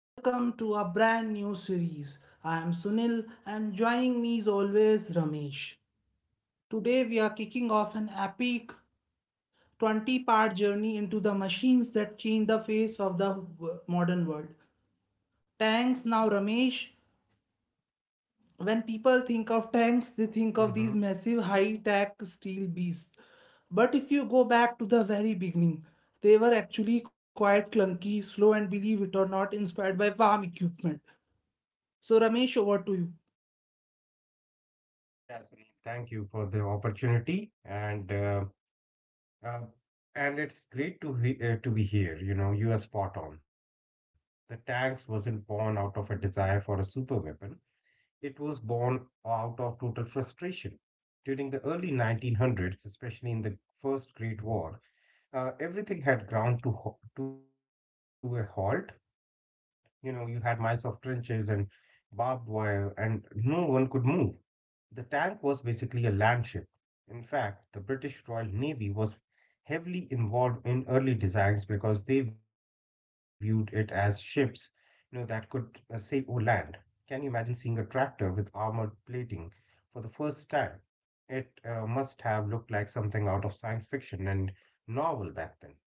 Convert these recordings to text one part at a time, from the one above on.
Welcome to a brand new series. I am Sunil and joining me is always Ramesh. Today we are kicking off an epic 20-part journey into the machines that change the face of the modern world. Tanks now Ramesh. When people think of tanks, they think of Mm-hmm. these massive high tech steel beasts. But if you go back to the very beginning, they were actually quite clunky, slow, and believe it or not, inspired by farm equipment. So, Ramesh, over to you. Yeah, Sunil, thank you for the opportunity, uh, and it's great to he to be here. You know, you are spot on. The tanks wasn't born out of a desire for a super weapon. It was born out of total frustration. During the early 1900s, especially in the First Great War, everything had ground to a halt. You know, you had miles of trenches and barbed wire, and no one could move. The tank was basically a landship. In fact, the British Royal Navy was heavily involved in early designs because they viewed it as ships, you know, that could sail over land. Can you imagine seeing a tractor with armored plating for the first time? It must have looked like something out of science fiction and novel back then.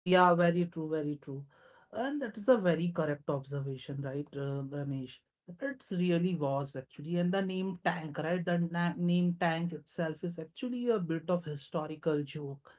Yeah, very true, very true. And that is a very correct observation, right, Ramesh? It's really was actually, and the name tank, right? The na name tank itself is actually a bit of historical joke.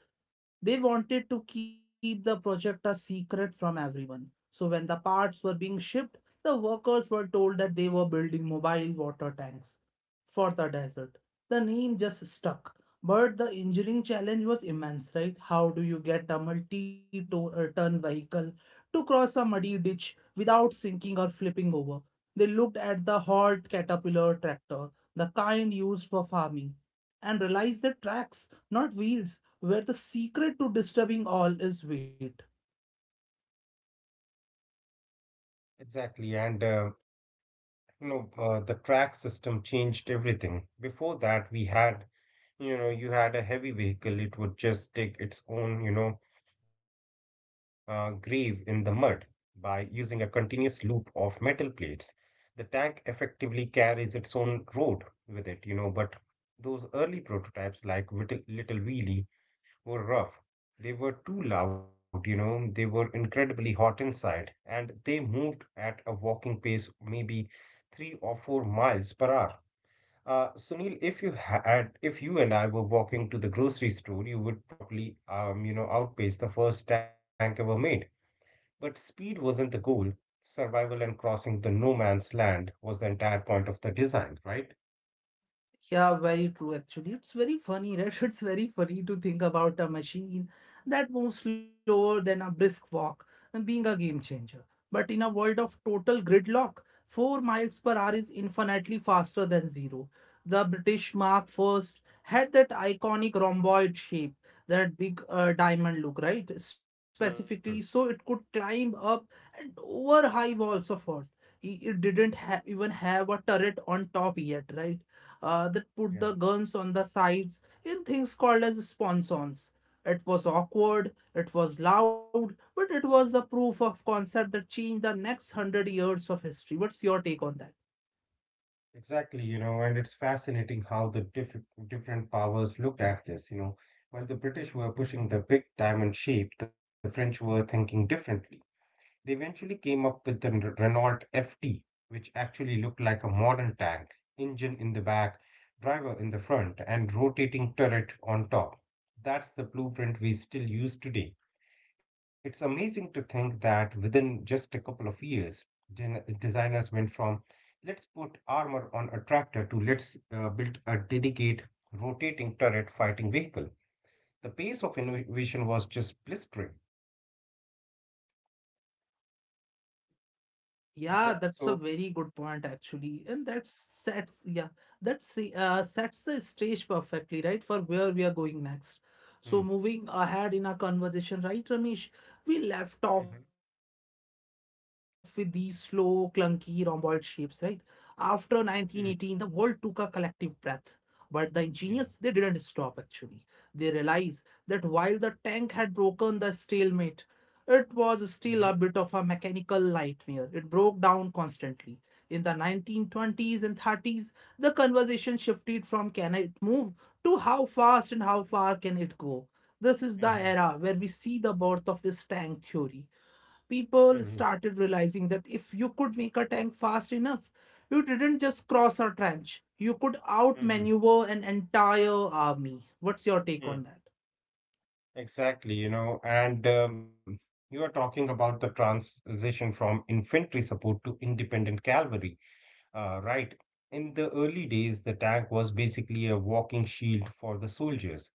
They wanted to keep the project a secret from everyone. So when the parts were being shipped, the workers were told that they were building mobile water tanks for the desert. The name just stuck. But the engineering challenge was immense, right? How do you get a multi-ton vehicle to cross a muddy ditch without sinking or flipping over? They looked at the Holt Caterpillar tractor, the kind used for farming, and realized that tracks, not wheels, where the secret to disturbing all is wait. Exactly, and the track system changed everything. Before that, we had you know, you had a heavy vehicle, it would just dig its own, you know, grave in the mud by using a continuous loop of metal plates. The tank effectively carries its own road with it, you know, but those early prototypes like Little Wheelie were rough. They were too loud, you know, they were incredibly hot inside, and they moved at a walking pace, maybe 3 or 4 miles per hour. Sunil, if you and I were walking to the grocery store, you would probably, you know, outpace the first tank ever made. But speed wasn't the goal. Survival and crossing the no man's land was the entire point of the design, right? Yeah, very true actually. It's very funny, right? It's very funny to think about a machine that moves slower than a brisk walk and being a game changer. But in a world of total gridlock, 4 miles per hour is infinitely faster than zero. The British Mark First had that iconic rhomboid shape, that big diamond look, right? Specifically, Hmm. so it could climb up and over high walls of Earth. It didn't ha even have a turret on top yet, right? That Yeah, put the guns on the sides in things called as sponsons. It was awkward, it was loud, but it was the proof of concept that changed the next hundred years of history. What's your take on that? exactly. You know, and it's fascinating how the different powers looked at this. You know, while the British were pushing the big diamond shape, the French were thinking differently. They eventually came up with the Renault FT, which actually looked like a modern tank, engine in the back, driver in the front, and rotating turret on top. That's the blueprint we still use today. It's amazing to think that within just a couple of years, designers went from let's put armor on a tractor to let's build a dedicated rotating turret fighting vehicle. The pace of innovation was just blistering. Yeah, that's a very good point Exactly. actually, So, and that sets the stage perfectly right for where we are going next. So moving ahead in our hmm, conversation, right, Ramesh? We left off with these slow, clunky rhomboid shapes, right? After 1918, the world took a collective breath, mhm. but the engineers they didn't stop actually. Yeah. They realized that while the tank had broken the stalemate, it was still a bit of a Mm-hmm. mechanical nightmare. It broke down constantly. In the 1920s and 30s, the conversation shifted from can it move to how fast and how far can it go. This is the era Mm-hmm. where we see the birth of this tank theory. People Mm-hmm. started realizing that if you could make a tank fast enough, you didn't just cross a trench, you could Mm-hmm. outmaneuver an entire army. What's your take on Mm. that? Exactly, you know, and you are talking about the transition from infantry support to independent cavalry, right? In the early days, the tank was basically a walking shield for the soldiers.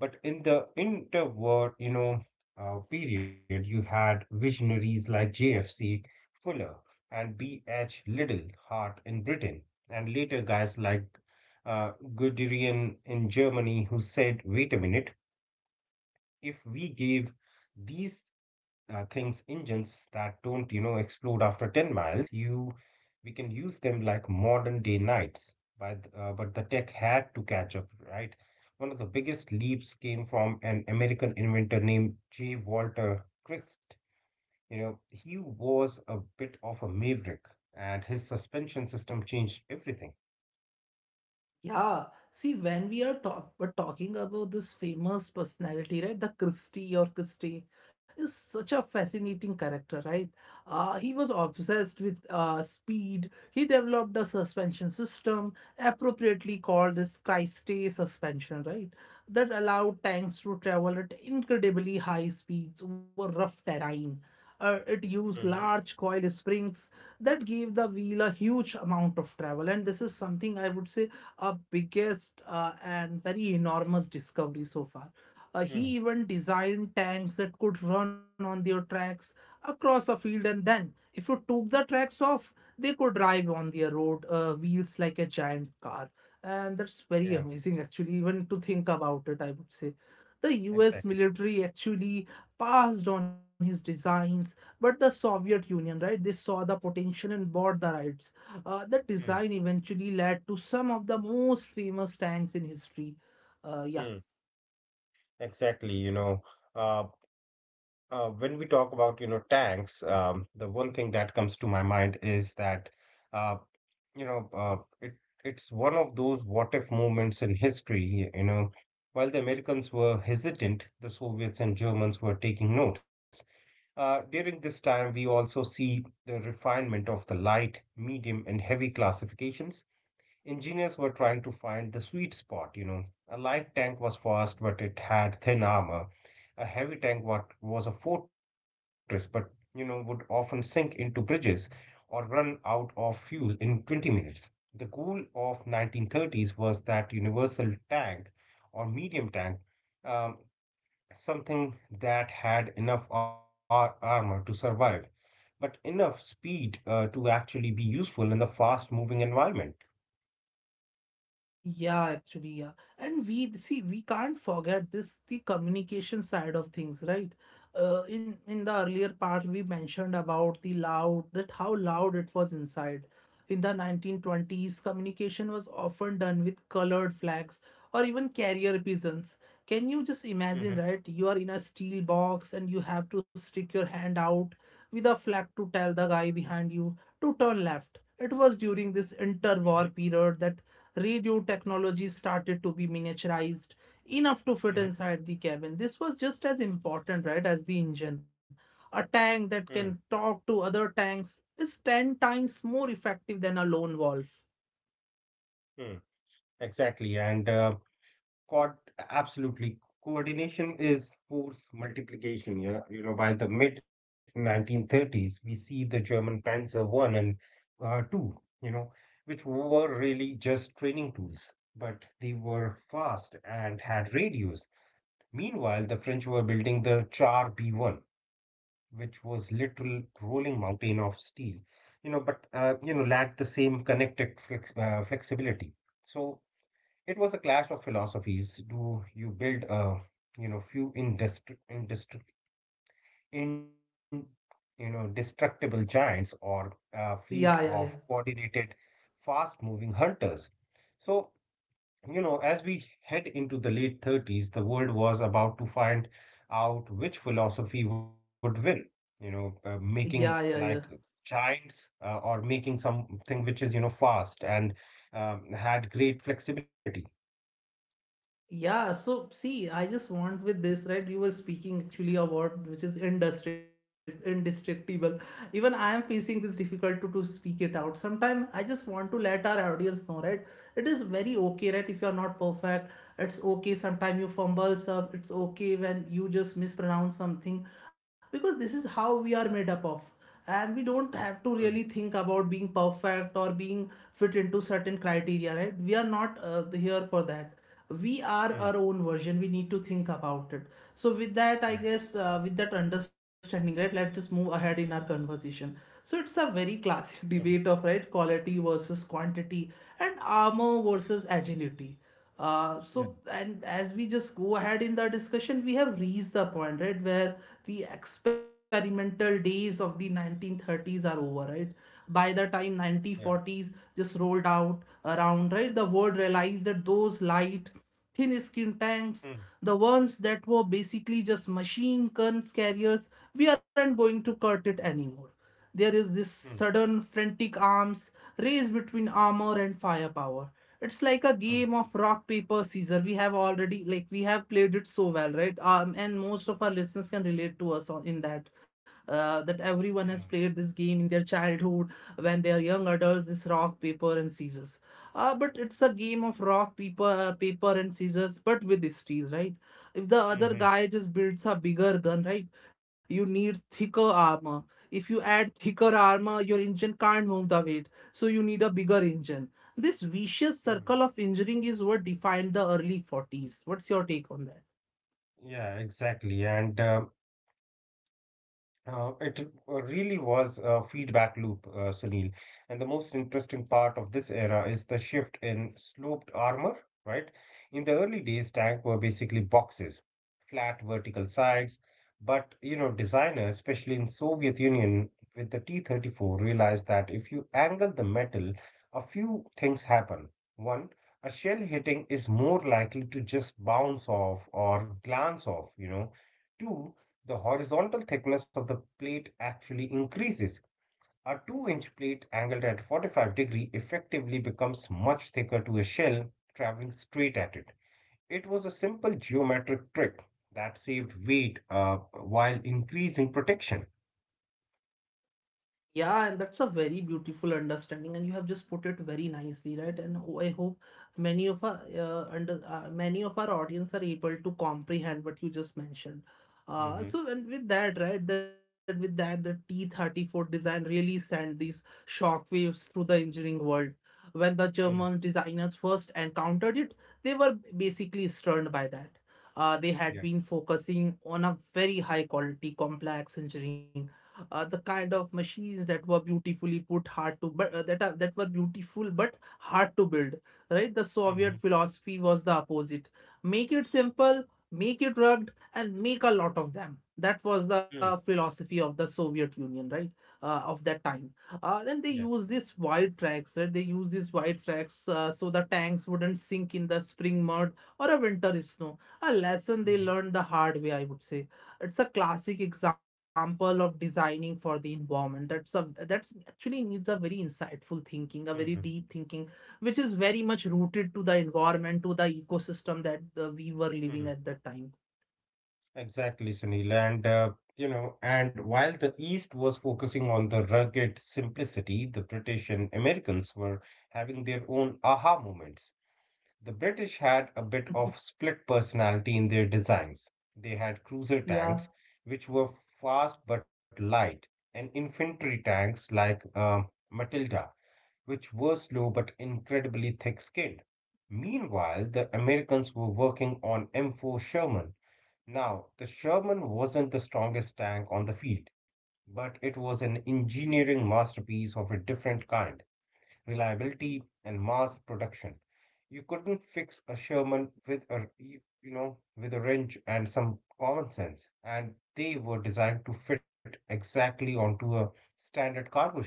But in the interwar, you know, period, you had visionaries like J.F.C. Fuller and B.H. Liddell Hart in Britain, and later guys like Guderian in Germany who said, wait a minute, if we gave these things engines that don't, you know, explode after 10 miles, you we can use them like modern day knights. But the tech had to catch up, right? One of the biggest leaps came from an American inventor named J. Walter Christ. You know, he was a bit of a maverick, and his suspension system changed everything. Yeah, see, when we are talk we're talking about this famous personality, right? The Christie or Christie is such a fascinating character, right? He was obsessed with speed. He developed a suspension system, appropriately called as Christie suspension, right? That allowed tanks to travel at incredibly high speeds over rough terrain. It used Mm-hmm. large coil springs that gave the wheel a huge amount of travel, and this is something I would say biggest and very enormous discovery so far. He Mm. even designed tanks that could run on their tracks across a field, and then if you took the tracks off, they could drive on their road wheels like a giant car. And that's Yeah, very amazing, actually, even to think about it, I would say. The US exactly. military actually passed on his designs, but the Soviet Union, right, they saw the potential and bought the rights. The Mm. design eventually led to some of the most famous tanks in history. Mm. Yeah. Exactly, you know. Uh, when we talk about, you know, tanks, the one thing that comes to my mind is that, uh, you know, uh, it it's one of those what if moments in history. You know, while the Americans were hesitant, the Soviets and Germans were taking notes. During this time, we also see the refinement of the light, medium, and heavy classifications. Engineers were trying to find the sweet spot, you know. A light tank was fast, but it had thin armor. A heavy tank what was a fortress, but you know, would often sink into bridges or run out of fuel in 20 minutes. The goal of 1930s was that universal tank or medium tank, um, something that had enough armor to survive, but enough speed to actually be useful in the fast-moving environment. Yeah, actually, yeah. And we see we can't forget this the communication side of things, right? In the earlier part we mentioned about the loud that how loud it was inside. In the 1920s, communication was often done with colored flags or even carrier pigeons. Can you Mhm, just imagine, right? You are in a steel box and you have to stick your hand out with a flag to tell the guy behind you to turn left. It was during this mhm. interwar period that radio technology started to be miniaturized Mm-hmm. enough to fit inside the cabin. This was just as important, right, as the engine. A Mm, tank that can talk to other tanks is 10 times more effective than a lone wolf. mm. Exactly. And uh, co- absolutely. Coordination is force multiplication. You know, by the mid 1930s, we see the German Panzer One and Two. You know, which were really just training tools, but they were fast and had radios. Meanwhile, the French were building the Char B1, which was little rolling mountain of steel, you know, but lacked the same connected flexibility. So it was a clash of philosophies. Do you build a you know few industri industri in you know destructible giants or a fleet Yeah, of yeah, yeah. coordinated, fast-moving hunters? So you know, as we head into the late 30s, the world was about to find out which philosophy would win. You know, making Yeah, yeah, like yeah. giants or making something which is, you know, fast and had great flexibility. Yeah, so see, I just want with this, right? You were speaking actually about which is indestructible. Even I am facing this difficulty to speak it out. Sometimes I just want to let our audience know, right? It is very okay, right? If you are not perfect, it's okay. Sometimes you fumble some, it's okay when you just mispronounce something, because this is how we are made up of, and we don't have to Mm, really think about being perfect or being fit into certain criteria, right? We are not here for that. We are mm, our own version, we need to think about it. So with that, yeah, I guess, with that understanding, right, let's just move ahead in our conversation. So it's a very classic mm, debate of right quality versus quantity and armor versus agility. yeah, So, and as we just go ahead in the discussion, we have reached the point, right, where the experimental days of the 1930s are over, right? By the time yeah, 1940s just rolled out around, right, the world realized that those light, thin skin mm, tanks, the ones that were basically just machine guns carriers, we aren't going to cut it anymore. There is this mm, sudden frantic arms race between armor and firepower. It's like a mm, game of rock paper scissor. We have already, we have played it so well, right? And most of our listeners can relate to us on in that. That everyone yeah, has played this game in their childhood when they are young adults. This rock paper and scissors. But it's a game of rock paper and scissors, but with steel, right? If the other mhm, guy just builds a bigger gun, right? You need thicker armor. If you add thicker armor, your engine can't move the weight, so you need a bigger engine. This vicious mm. circle of engineering is what defined the early 40s. What's your take on that? Yeah, exactly. And it really was a feedback loop, Sunil. And the most interesting part of this era is the shift in sloped armor, right? In the early days, tanks were basically boxes, flat vertical sides. But you know, designers, especially in Soviet Union, with the T-34, realized that if you angle the metal, a few things happen. One, a shell hitting is more likely to just bounce off or glance off, you know. Two, the horizontal thickness of the plate actually increases. A 2-inch plate angled at 45-degree effectively becomes much thicker to a shell traveling straight at it. It was a simple geometric trick that saved weight while increasing protection. Yeah, and that's a very beautiful understanding, and you have just put it very nicely, right? And I hope many of our under many of our audience are able to comprehend what you just mentioned. Mhm. So and with that, right, that with that, the T-34 design really sent these shockwaves through the engineering world. When the German Mm. designers first encountered it, they were basically stunned by that. They had Yeah. been focusing on a very high quality, complex engineering, the kind of machines that were beautifully put hard to but that are that were beautiful but hard to build. Right, the Soviet philosophy was the opposite: make it simple, make it rugged, and make a lot of them. That was the Mhm. philosophy of the Soviet Union, right, of that time. Then they Yeah. use this wide tracks, right? They use these wide tracks, so the tanks wouldn't sink in the spring mud or a winter snow, a lesson they Hmm. learned the hard way, I would say. It's a classic example of designing for the environment. That's a, that's actually needs a very insightful thinking, a very Hmm. deep thinking, which is very much rooted to the environment, to the ecosystem that we were Hmm. living at that time. Exactly, Sunil. And, you know, and while the East was focusing on the rugged simplicity, the British and Americans were having their own aha moments. The British had a bit of split personality in their designs. They had cruiser Yeah, tanks, which were fast but light, and infantry tanks like Matilda, which were slow but incredibly thick skinned. Meanwhile, the Americans were working on M4 Sherman. Now, the Sherman wasn't the strongest tank on the field, but it was an engineering masterpiece of a different kind: reliability and mass production. You couldn't fix a Sherman with a with a wrench and some common sense, and they were designed to fit exactly onto a standard cargo ship.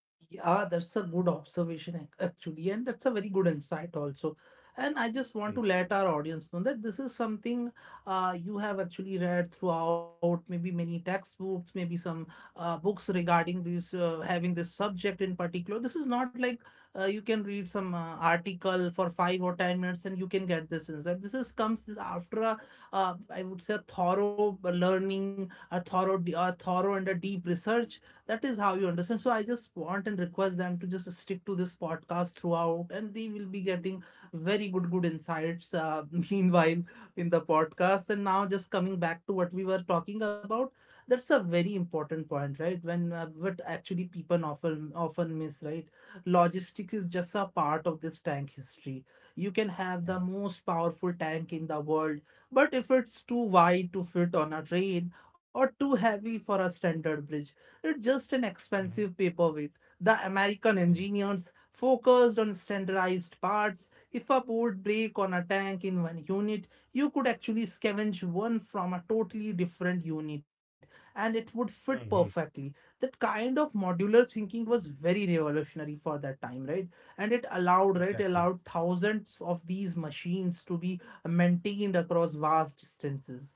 yeah, that's a good observation actually, and that's a very good insight also. And I just want Hmm. to let our audience know that this is something you have actually read throughout, maybe many textbooks, maybe some books regarding this, having this subject in particular. This is not like you can read some article for 5 or 10 minutes and you can get this insight. This is comes this after I would say, a thorough learning, a thorough and a deep research. That is how you understand. So I just want and request them to just stick to this podcast throughout, and they will be getting very good insights, meanwhile in the podcast. And now just coming back to what we were talking about, that's a very important point, right? When what actually people often miss, right? Logistics is just a part of this tank history. You can have the Yeah. most powerful tank in the world, but if it's too wide to fit on a train or too heavy for a standard bridge, it's just an expensive Mhm. paperweight. The American Yeah. engineers focused on standardized parts. If a board break on a tank in one unit, you could actually scavenge one from a totally different unit, and it would fit Hmm. perfectly. That kind of modular thinking was very revolutionary for that time, right? And it allowed, right, allowed Exactly. thousands of these machines to be maintained across vast distances.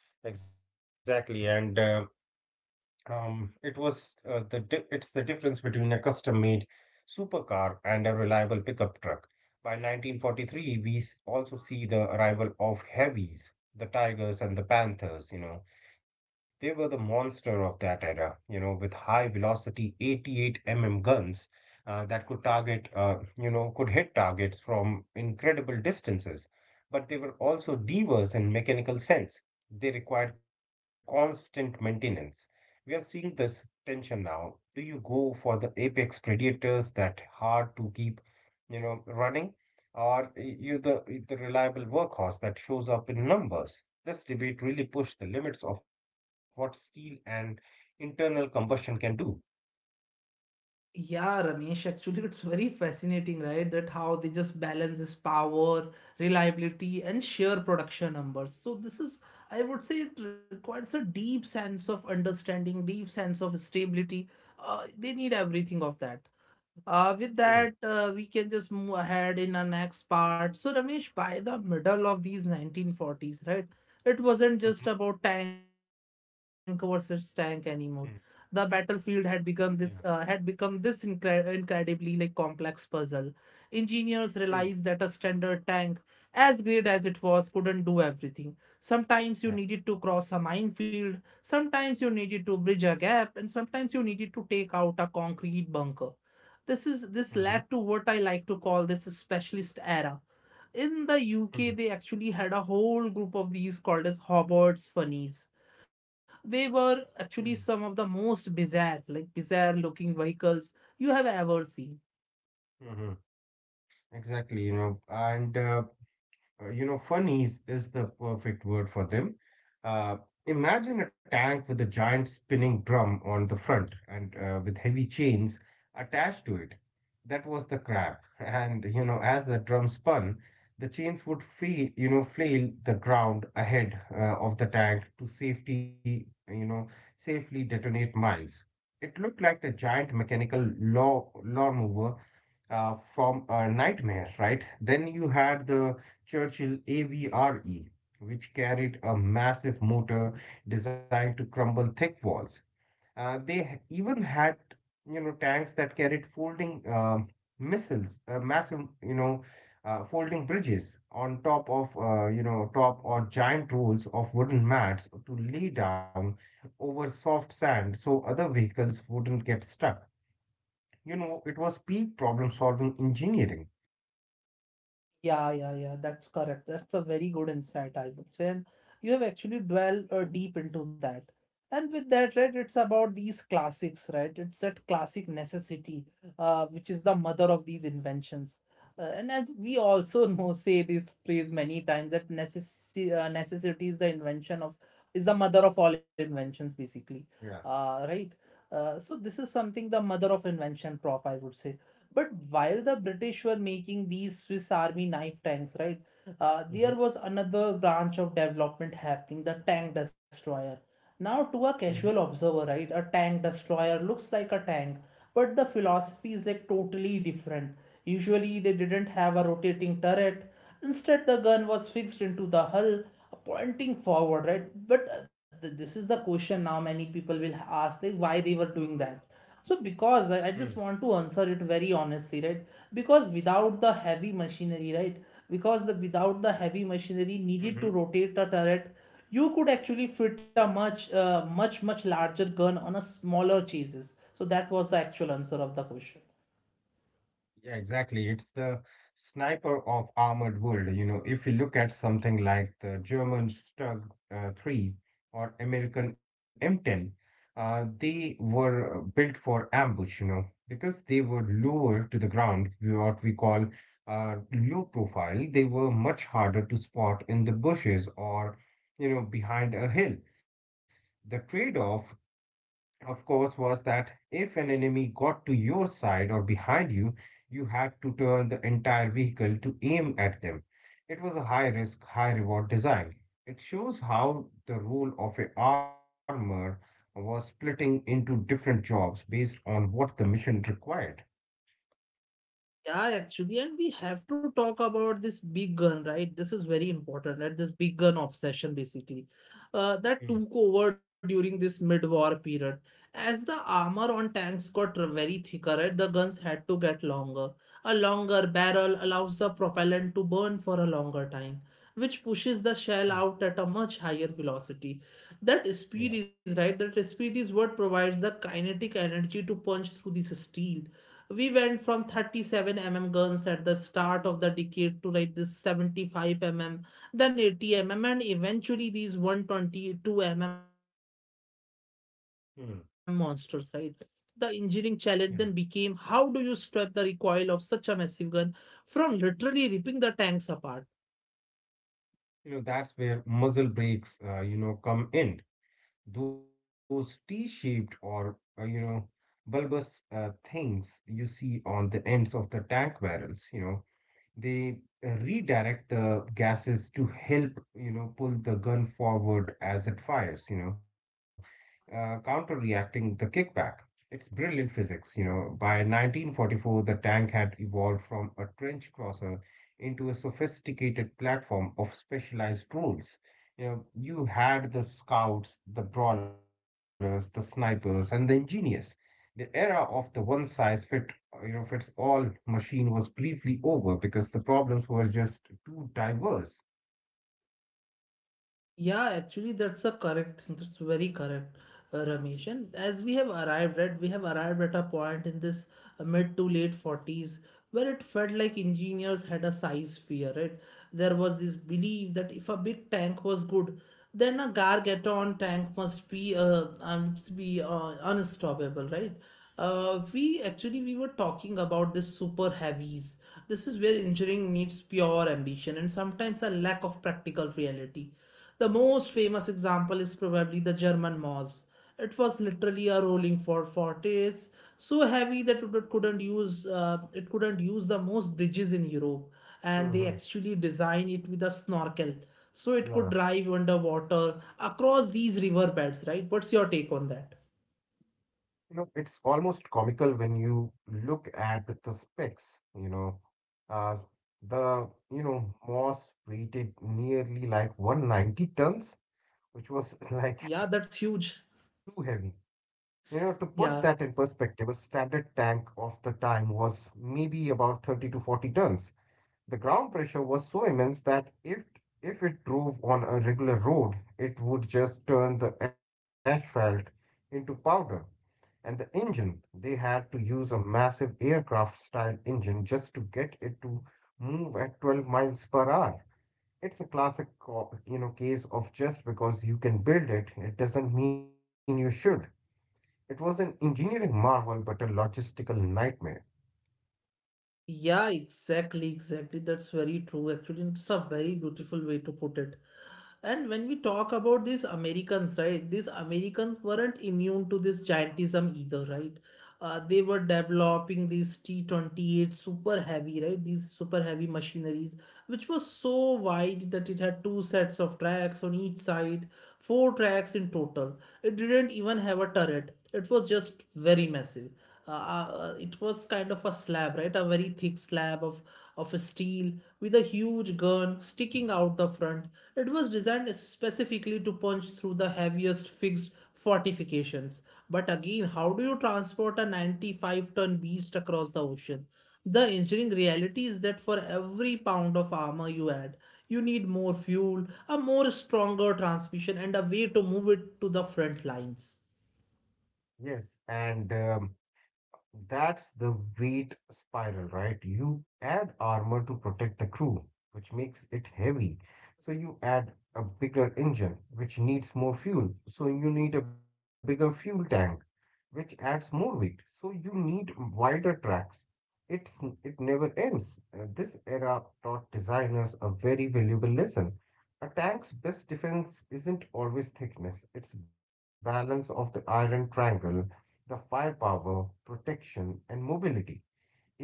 Yeah, exactly. And it was the di- it's the difference between a custom-made supercar and a reliable pickup truck. By 1943, we also see the arrival of heavies, the Tigers and the Panthers, you know. They were the monster of that era, you know, with high velocity 88 mm guns that could target, you know, could hit targets from incredible distances. But they were also divers in mechanical sense. They required constant maintenance. We are seeing this tension now. Do you go for the apex predators that hard to keep, you know, running, or you the reliable workhorse that shows up in numbers? This debate really pushed the limits of what steel and internal combustion can do. Yeah, Ramesh, actually, it's very fascinating, right? That how they just balance this power, reliability, and sheer production numbers. So, this is, I would say, it requires a deep sense of understanding, deep sense of stability. They need everything of that. Uh, Hmm. with that, we can just move ahead in our next part. So, Ramesh, by the middle of these 1940s, right, it wasn't Mm-hmm. just about tank versus tank anymore. Mm. The battlefield had become this uh, Yeah. had become this incre- incredibly like complex puzzle. Engineers realized Mm. that a standard tank, as great as it was, couldn't do everything. Sometimes you Yeah. needed to cross a minefield, sometimes you needed to bridge a gap, and sometimes you needed to take out a concrete bunker. This Mm-hmm. led to what I like to call this specialist era. In the Mm. UK, they actually had a whole group of these called as Hobbarts Funnies. They were actually some Mm. of the most bizarre looking vehicles you have ever seen. Mm-hmm. Exactly, funnies is the perfect word for them. Uh, imagine a tank with a giant spinning drum on the front and with heavy chains attached to it. That was the crab. And, you know, as the drum spun, the chains would feel, you know, flail the ground ahead of the tank to safety, you know, safely detonate mines. It looked like a giant mechanical lawnmower from a nightmare, right? Then you had the Churchill AVRE, which carried a massive motor designed to crumble thick walls. They even had, you know, tanks that carried folding missiles, massive, you know, folding bridges on top of, you know, top or giant rolls of wooden mats to lay down over soft sand so other vehicles wouldn't get stuck. You know, it was peak problem solving engineering. Yeah, yeah, yeah, that's correct. That's a very good insight, I would say. And you have actually dwelled deep into that. And with that, right, it's about these classics, right? It's that classic necessity, which is the mother of these inventions. And as we also know, say this phrase many times, that necessity, is the mother of all inventions, basically. Yeah. Right? So this is something the mother of invention prop, I would say, but while the British were making these Swiss Army knife tanks, right, Mm-hmm. there was another branch of development happening, the tank destroyer. Now, to a Mm-hmm. casual observer, right, a tank destroyer looks like a tank, but the philosophy is like totally different. Usually, they didn't have a rotating turret. Instead, the gun was fixed into the hull, pointing forward, right? But this is the question now many people will ask, like, why they were doing that. So, because I just want to answer it very honestly, right? Because without the heavy machinery, right? Because without the heavy machinery Mm-hmm. needed to rotate a turret, you could actually fit a much, much larger gun on a smaller chassis. So, that was the actual answer of the question. Yeah, exactly. It's the sniper of armored world. You know, if you look at something like the German Stug 3 or American M10, they were built for ambush, you know, because they were lower to the ground, what we call low profile. They were much harder to spot in the bushes or, you know, behind a hill. The trade-off of course, was that if an enemy got to your side or behind you, you had to turn the entire vehicle to aim at them. It was a high risk, high reward design. It shows how the role of a armor was splitting into different jobs based on what the mission required. Yeah, actually, and we have to talk about this big gun, right? This is very important, right? This big gun obsession, basically, that Mm, took over during this mid-war period. As the armor on tanks got very thicker, right, the guns had to get longer. A longer barrel allows the propellant to burn for a longer time, which pushes the mm, shell out at a much higher velocity. That yeah, speed is, right, that speed is what provides the kinetic energy to punch through this steel. We went from 37 mm guns at the start of the decade to like this 75 mm, then 80 mm, and eventually these 122 mm monsters, right? The mm, engineering challenge then became, how do you strip the yeah. recoil of such a massive gun from literally ripping the tanks apart? You know, that's where muzzle brakes, you know, come in. Those T-shaped or bulbous things you see on the ends of the tank barrels. They redirect the gases to help pull the gun forward as it fires. Counter-reacting the kickback, it's brilliant physics. By 1944, the tank had evolved from a trench crosser into a sophisticated platform of specialized roles. You know you had the scouts, the brawlers, the snipers, and the engineers. The era of the one size fits you know, fits all machine was briefly over because the problems were just too diverse. Yeah, actually, that's a correct thing. That's very correct, Ramesh. And as we have arrived at, we have arrived at a point in this mid to late 40s where it felt like engineers had a size fear, right? There was this belief that if a big tank was good, then a Gargaton tank must be unstoppable, right? We were talking about this super heavies. This is where engineering needs pure ambition and sometimes a lack of practical reality. The most famous example is probably the German Moss. It was literally a rolling for fortress, so heavy that it couldn't use the most bridges in Europe, and they hmm actually designed it with a snorkel, so it could Yeah. drive underwater across these river beds. Right? What's your take on that? You know, it's almost comical when you look at the specs, you know. Uh, you know, Moss weighted nearly like 190 tons, which was like Yeah, that's too huge. heavy. You know, to put that in Yeah. perspective, a standard tank of the time was maybe about 30 to 40 tons. The ground pressure was so immense that if it drove on a regular road, it would just turn the asphalt into powder. And the engine, they had to use a massive aircraft style engine just to get it to move at 12 miles per hour. It's a classic, you know, case of just because you can build it, it doesn't mean you should. It was an engineering marvel, but a logistical nightmare. Yeah, exactly, exactly. That's very true. Actually, it's a very beautiful way to put it. And when we talk about these Americans, right? These Americans weren't immune to this giantism either, right? They were developing these T28 super heavy, right? These super heavy machineries, which was so wide that it had two sets of tracks on each side, four tracks in total. It didn't even have a turret. It was just very massive. It was kind of a slab, right? A very thick slab of steel with a huge gun sticking out the front. It was designed specifically to punch through the heaviest fixed fortifications. But again, how do you transport a 95-ton beast across the ocean? The engineering reality is that for every pound of armor you add, you need more fuel, a more stronger transmission, and a way to move it to the front lines. Yes, and that's the weight spiral, right? You add armor to protect the crew, which makes it heavy. So you add a bigger engine, which needs more fuel. So you need a bigger fuel tank, which adds more weight. So you need wider tracks. It never ends. This era taught designers a very valuable lesson. A tank's best defense isn't always thickness, it's balance of the iron triangle: the firepower, protection, and mobility.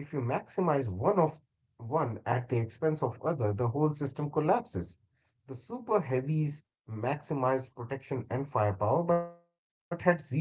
If you maximize one at the expense of other, the whole system collapses. The super heavies maximized protection and firepower, but had zero mobility.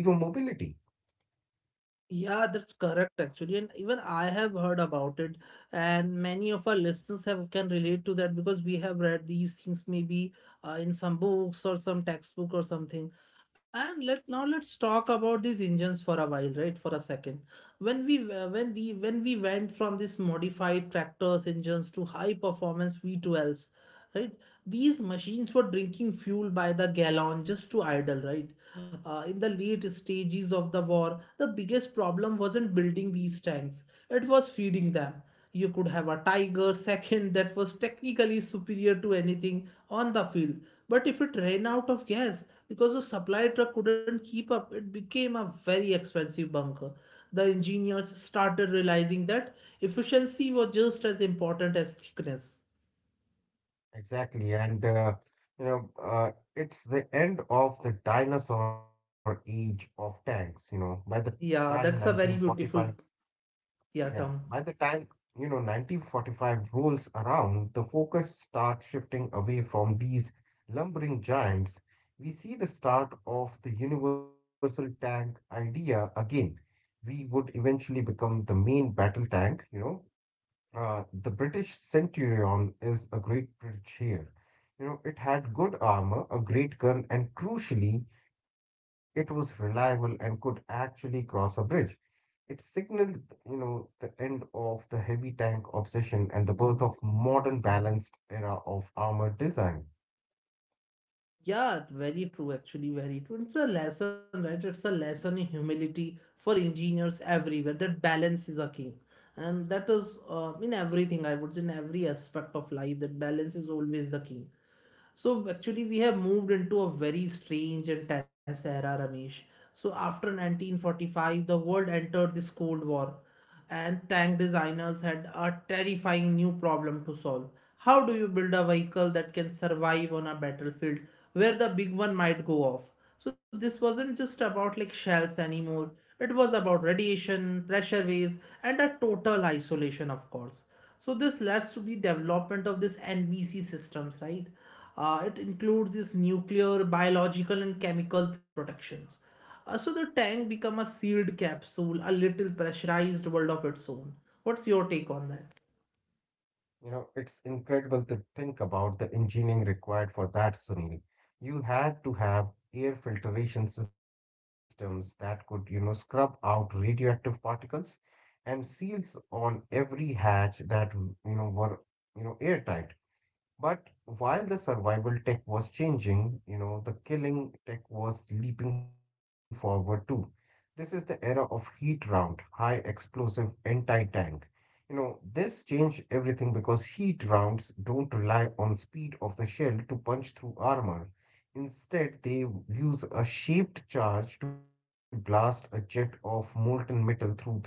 Yeah, that's correct actually, and even I have heard about it, and many of our listeners have can relate to that because we have read these things maybe in some books or some textbook or something. And let's talk about these engines for a while, right? For a second, when we when the when we went from this modified tractors engines to high performance V12s, right, these machines were drinking fuel by the gallon just to idle, right. In the late stages of the war, the biggest problem wasn't building these tanks, it was feeding them. You could have a tiger second that was technically superior to anything on the field, but if it ran out of gas because the supply truck couldn't keep up, it became a very expensive bunker. The engineers started realizing that efficiency was just as important as thickness. Exactly, and it's the end of the dinosaur age of tanks. You know, by the Yeah, time that's a very 1945 beautiful, yeah, Yeah, term. by the time, you know, 1945 rolls around, the focus starts shifting away from these lumbering giants. We see the start of the universal tank idea again. We would eventually become the main battle tank, you know. The British Centurion is a great bridge here. You know, it had good armor, a great gun, and crucially, it was reliable and could actually cross a bridge. It signaled, you know, the end of the heavy tank obsession and the birth of modern balanced era of armor design. Yeah, very true actually, very true. It's a lesson, right? It's a lesson in humility for engineers everywhere, that balance is a king. And that is, in everything, I would say, in every aspect of life, that balance is always the key. So actually, we have moved into a very strange and tense era, Ramesh. So after 1945, the world entered this Cold War, and tank designers had a terrifying new problem to solve. How do you build a vehicle that can survive on a battlefield where the big one might go off? So this wasn't just about like shells anymore. It was about radiation, pressure waves, and a total isolation, of course. So this leads to the development of this NBC systems, right? It includes this nuclear, biological, and chemical protections. So the tank become a sealed capsule, a little pressurized world of its own. What's your take on that? You know, it's incredible to think about the engineering required for that, Sunil. You had to have air filtration systems that could, you know, scrub out radioactive particles and seals on every hatch that, you know, were, you know, airtight. But while the survival tech was changing, you know, the killing tech was leaping forward too. This is the era of heat round, high explosive anti-tank. You know, this changed everything because heat rounds don't rely on speed of the shell to punch through armor. Instead, they use a shaped charge to blast a jet of molten metal through the steel.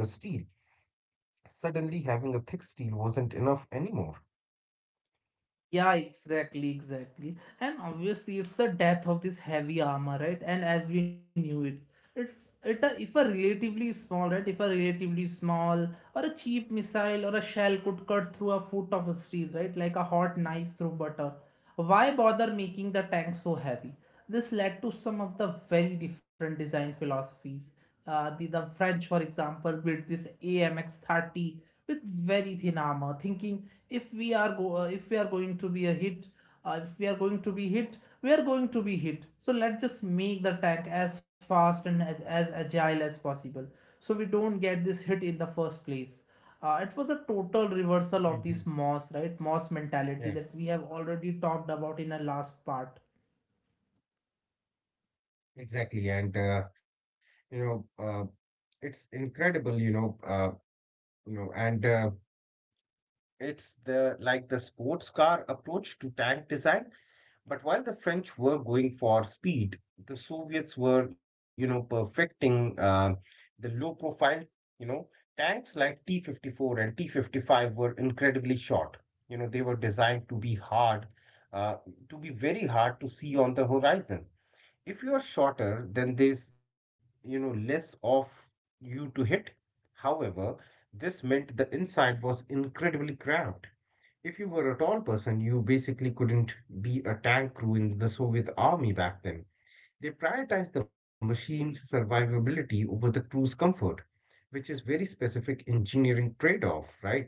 Suddenly, having a thick steel wasn't enough anymore. Yeah, exactly, exactly. And obviously, it's the death of this heavy armor, right? And as we knew it, if a relatively small, right? If a relatively small or a cheap missile or a shell could cut through a foot of steel, right? Like a hot knife through butter. Why bother making the tank so heavy? This led to some of the very different design philosophies. The French, for example, built this AMX 30 with very thin armor, thinking, if we are going to be a hit if we are going to be hit, we are going to be hit, so let's just make the tank as fast and as agile as possible, so we don't get this hit in the first place. It was a total reversal of this Mhm. Moss mentality that we have already talked about in our last part. Exactly, and you know, it's incredible, you know, and it's the like the sports car approach to tank design. But while the French were going for speed, the Soviets were, you know, perfecting the low profile, you know. Tanks like T-54 and T-55 were incredibly short. You know, they were designed to be uh, hard to see on the horizon. If you are shorter, then there's, you know, less of you to hit. However, this meant the inside was incredibly cramped. If you were a tall person, you basically couldn't be a tank crew in the Soviet army back then. They prioritized the machine's survivability over the crew's comfort, which is very specific engineering trade-off, right?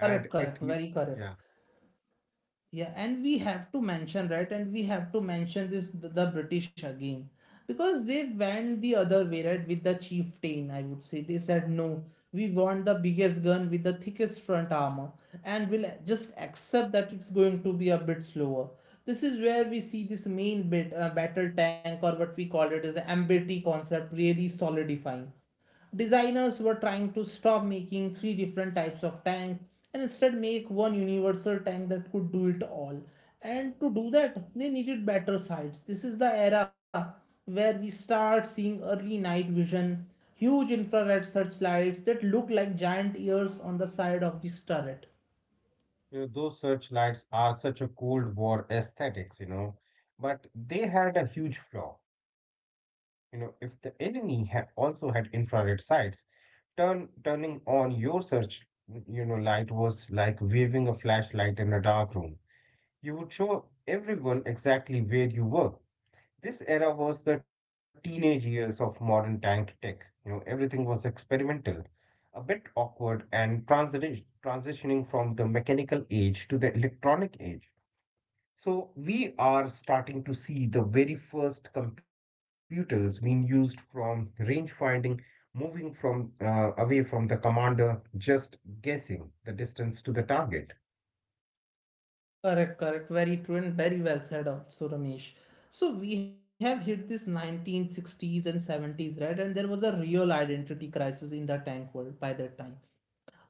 Correct, And correct, it, you- very correct. yeah, Yeah, and we have to mention, right? And we have to mention this the British again, because they went the other way, right? With the chieftain, I would say, they said no, we want the biggest gun with the thickest front armor, and we'll just accept that it's going to be a bit slower. This is where we see this main bit battle tank, or what we call it as an MBT concept, really solidifying. Designers were trying to stop making 3 different types of tanks, and instead make 1 universal tank that could do it all. And to do that, they needed better sights. This is the era where we start seeing early night vision, huge infrared searchlights that look like giant ears on the side of this turret. you know, those searchlights are such a Cold War aesthetics, you know, but they had a huge flaw. You know, if the enemy also had infrared sights, turning on your search, you know, light was like waving a flashlight in a dark room. You would show everyone exactly where you were. This era was the teenage years of modern tank tech. You know, everything was experimental, a bit awkward, and transitioning from the mechanical age to the electronic age. So we are starting to see the very first computers being used from range finding, moving from away from the commander, just guessing the distance to the target. Correct, correct. Very true and very well said also, Ramesh. So we have hit this 1960s and 70s, right? And there was a real identity crisis in the tank world by that time.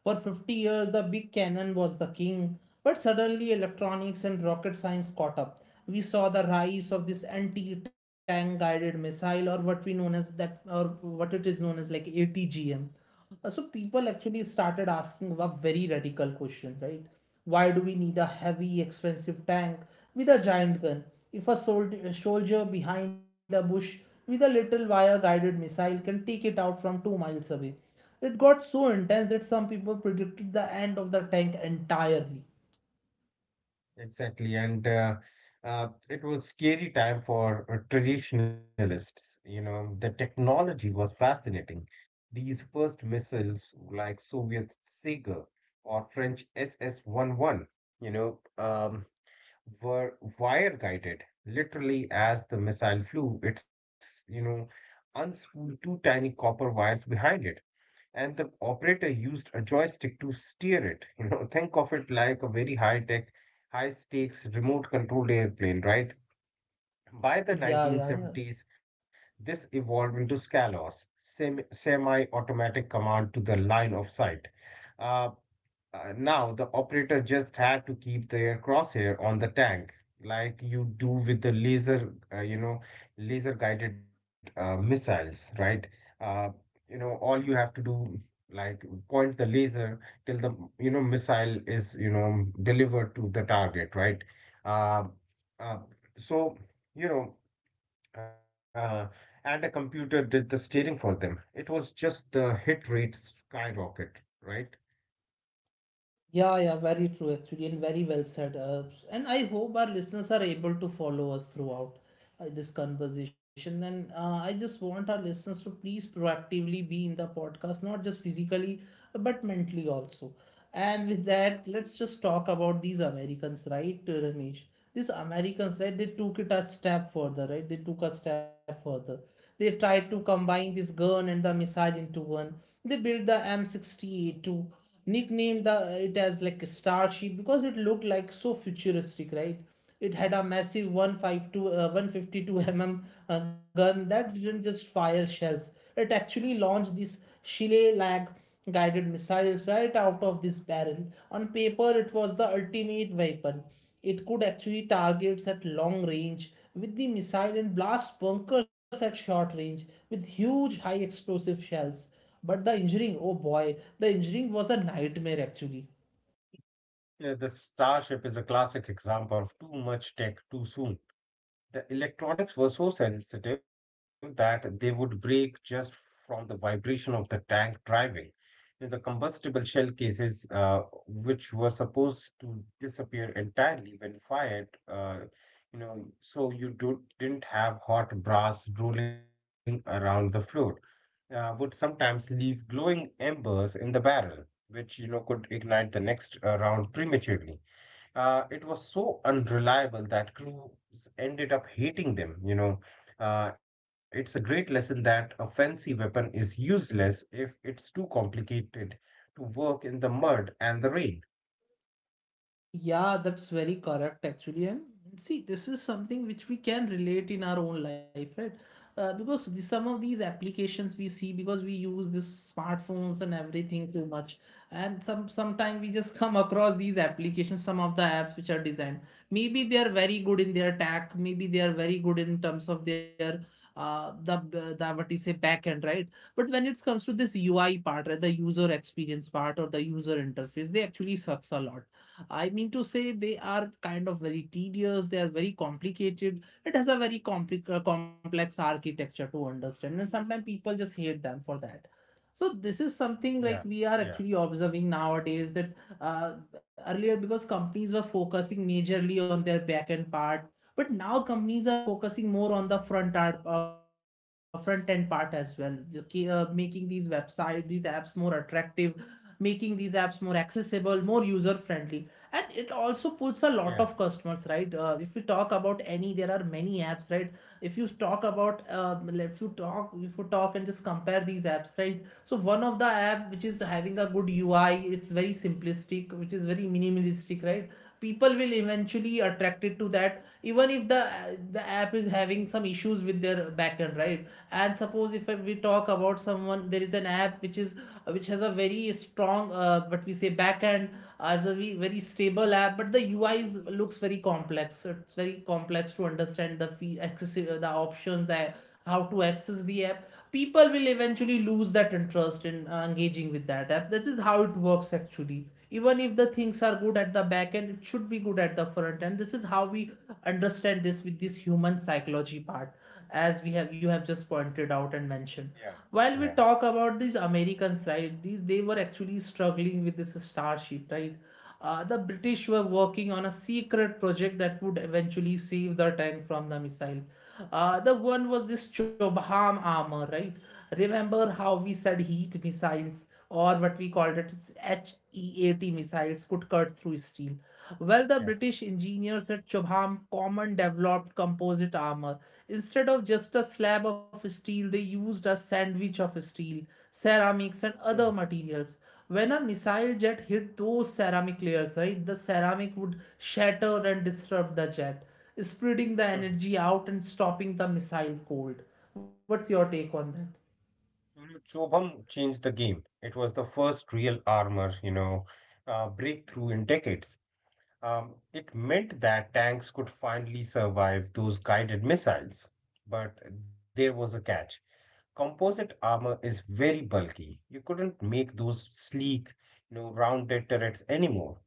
For 50 years, the big cannon was the king, but suddenly electronics and rocket science caught up. We saw the rise of this anti-tank guided missile, or what we known as that, or what it is known as like ATGM. So people actually started asking a very radical question, right? Why do we need a heavy, expensive tank with a giant gun if a soldier, a soldier behind a bush with a little wire-guided missile can take it out from 2 miles away? It got so intense that some people predicted the end of the tank entirely. Exactly, and it was scary time for traditionalists. You know, the technology was fascinating. These first missiles, like Soviet Sega or French SS-11, you know, um, were wire guided. Literally, as the missile flew, its unspooled two tiny copper wires behind it, and the operator used a joystick to steer it. You know, think of it like a very high tech, high stakes remote controlled airplane, right? By the Yeah, yeah, yeah. 1970s, this evolved into SCALOS, semi automatic command to the line of sight. Uh, Now, the operator just had to keep their crosshair on the tank, like you do with the laser, laser guided missiles, right? Uh, all you have to do, like, point the laser till the, you know, missile is, you know, delivered to the target, right? Uh, uh, so, you know, uh, and a computer did the steering for them. It was just the hit rate skyrocket, right? Yeah, yeah, very true actually, and very well said. And I hope our listeners are able to follow us throughout this conversation. And I just want our listeners to please proactively be in the podcast, not just physically, but mentally also. And with that, let's just talk about these Americans, right, Ramesh? These Americans, right, they took it a step further, right? They took a step further. They tried to combine this gun and the missile into one. They built the M68 to nickname the it as like a starship because it looked like so futuristic, right? It had a massive 152, mm gun that didn't just fire shells. It actually launched these Chile lag guided missiles right out of this barrel. On paper, it was the ultimate weapon. It could actually targets at long range with the missile and blast bunkers at short range with huge high explosive shells. But the engineering, oh boy, the engineering was a nightmare actually. Yeah, the Starship is a classic example of too much tech too soon. The electronics were so sensitive that they would break just from the vibration of the tank driving. In the combustible shell cases, which were supposed to disappear entirely when fired, you know, so you didn't have hot brass rolling around the floor, would sometimes leave glowing embers in the barrel, which you know could ignite the next round prematurely. It was so unreliable that crews ended up hating them. You know, it's a great lesson that a fancy weapon is useless if it's too complicated to work in the mud and the rain. Yeah, that's very correct actually. And see, this is something which we can relate in our own life, right? Because some of these applications we see because we use this smartphones and everything too much, and sometimes we just come across these applications, some of the apps which are designed. Maybe they are very good in their tech, maybe they are very good in terms of their the what you say back end, right? But when it comes to this UI part, right, the user experience part or the user interface, they actually sucks a lot. I mean to say they are kind of very tedious, they are very complicated. It has a very complex architecture to understand, and sometimes people just hate them for that. So this is something like Yeah, we are yeah, actually observing nowadays that uh, earlier because companies were focusing majorly on their back end part, but now companies are focusing more on the front end part as well, okay, making these websites, these apps more attractive, making these apps more accessible, more user friendly, and it also pulls a lot of yeah, customers, right? If we talk about any, there are many apps, right? if you talk about if you talk If you talk and just compare these apps, right? So one of the app which is having a good UI, it's very simplistic, which is very minimalistic, right? People will eventually attracted to that even if the app is having some issues with their backend, right? And suppose if we talk about someone, there is an app which is which has a very strong what we say backend, as a very, very stable app, but the UI is, looks very complex. It's very complex to understand the fee accessible, the options, the how to access the app. People will eventually lose that interest in engaging with that app. This is how it works actually. Even if the things are good at the back end, it should be good at the front end. This is how we understand this with this human psychology part, as we have you have just pointed out and mentioned. yeah, While we yeah, talk about these Americans, right, these they were actually struggling with this starship, right? The British were working on a secret project that would eventually save the tank from the missile. The one was this Chobham armor, right? Remember how we said heat missiles or what we called it, it's HEAT missiles could cut through steel. Well, the yeah. British engineers at Chobham Common developed composite armor. Instead of just a slab of steel, they used a sandwich of steel, ceramics, and Mhm, other materials. When a missile jet hit those ceramic layers, right, the ceramic would shatter and disrupt the jet, spreading the mhm. energy out and stopping the missile cold. What's your take on that? You know, Chobham changed the game. It was the first real armor, you know, breakthrough in decades. It meant that tanks could finally survive those guided missiles. But there was a catch: composite armor is very bulky. You couldn't make those sleek, you know, rounded turrets anymore.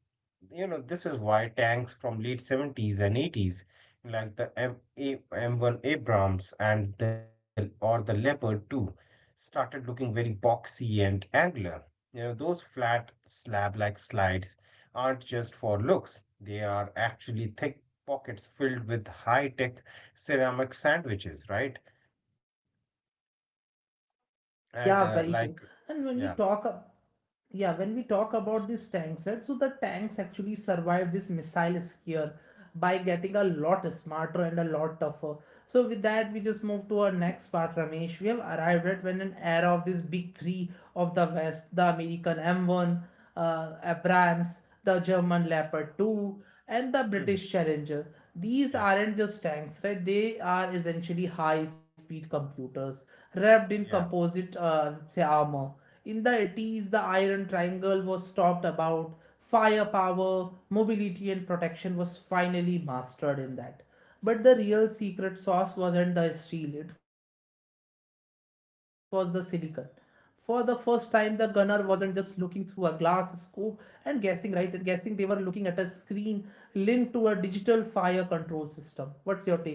You know, this is why tanks from late 70s and 80s, like the M1 Abrams and the Leopard 2, started looking very boxy and angular. You know, those flat slab-like slides aren't just for looks. They are actually thick pockets filled with high-tech ceramic sandwiches, right? Yeah, very and true. Like And when we talk Yeah. up Yeah, when we talk about these tanks, right? So the tanks actually survived this missile scare by getting a lot smarter and a lot tougher. So with that, we just move to our next part, Ramesh. We have arrived at when an era of this big three of the West, the American M1, Abrams, the German Leopard 2, and the Mm. British Challenger. These Yeah. aren't just tanks, right? They are essentially high-speed computers wrapped Yeah. in composite say armor. In the 80s, the Iron Triangle was talked about. Firepower, mobility, and protection was finally mastered in that. But the real secret sauce wasn't the steel, it was the silicon. For the first time, the gunner wasn't just looking through a glass scope and guessing, right? And guessing They were looking at a screen linked to a digital fire control system. What's your take on that?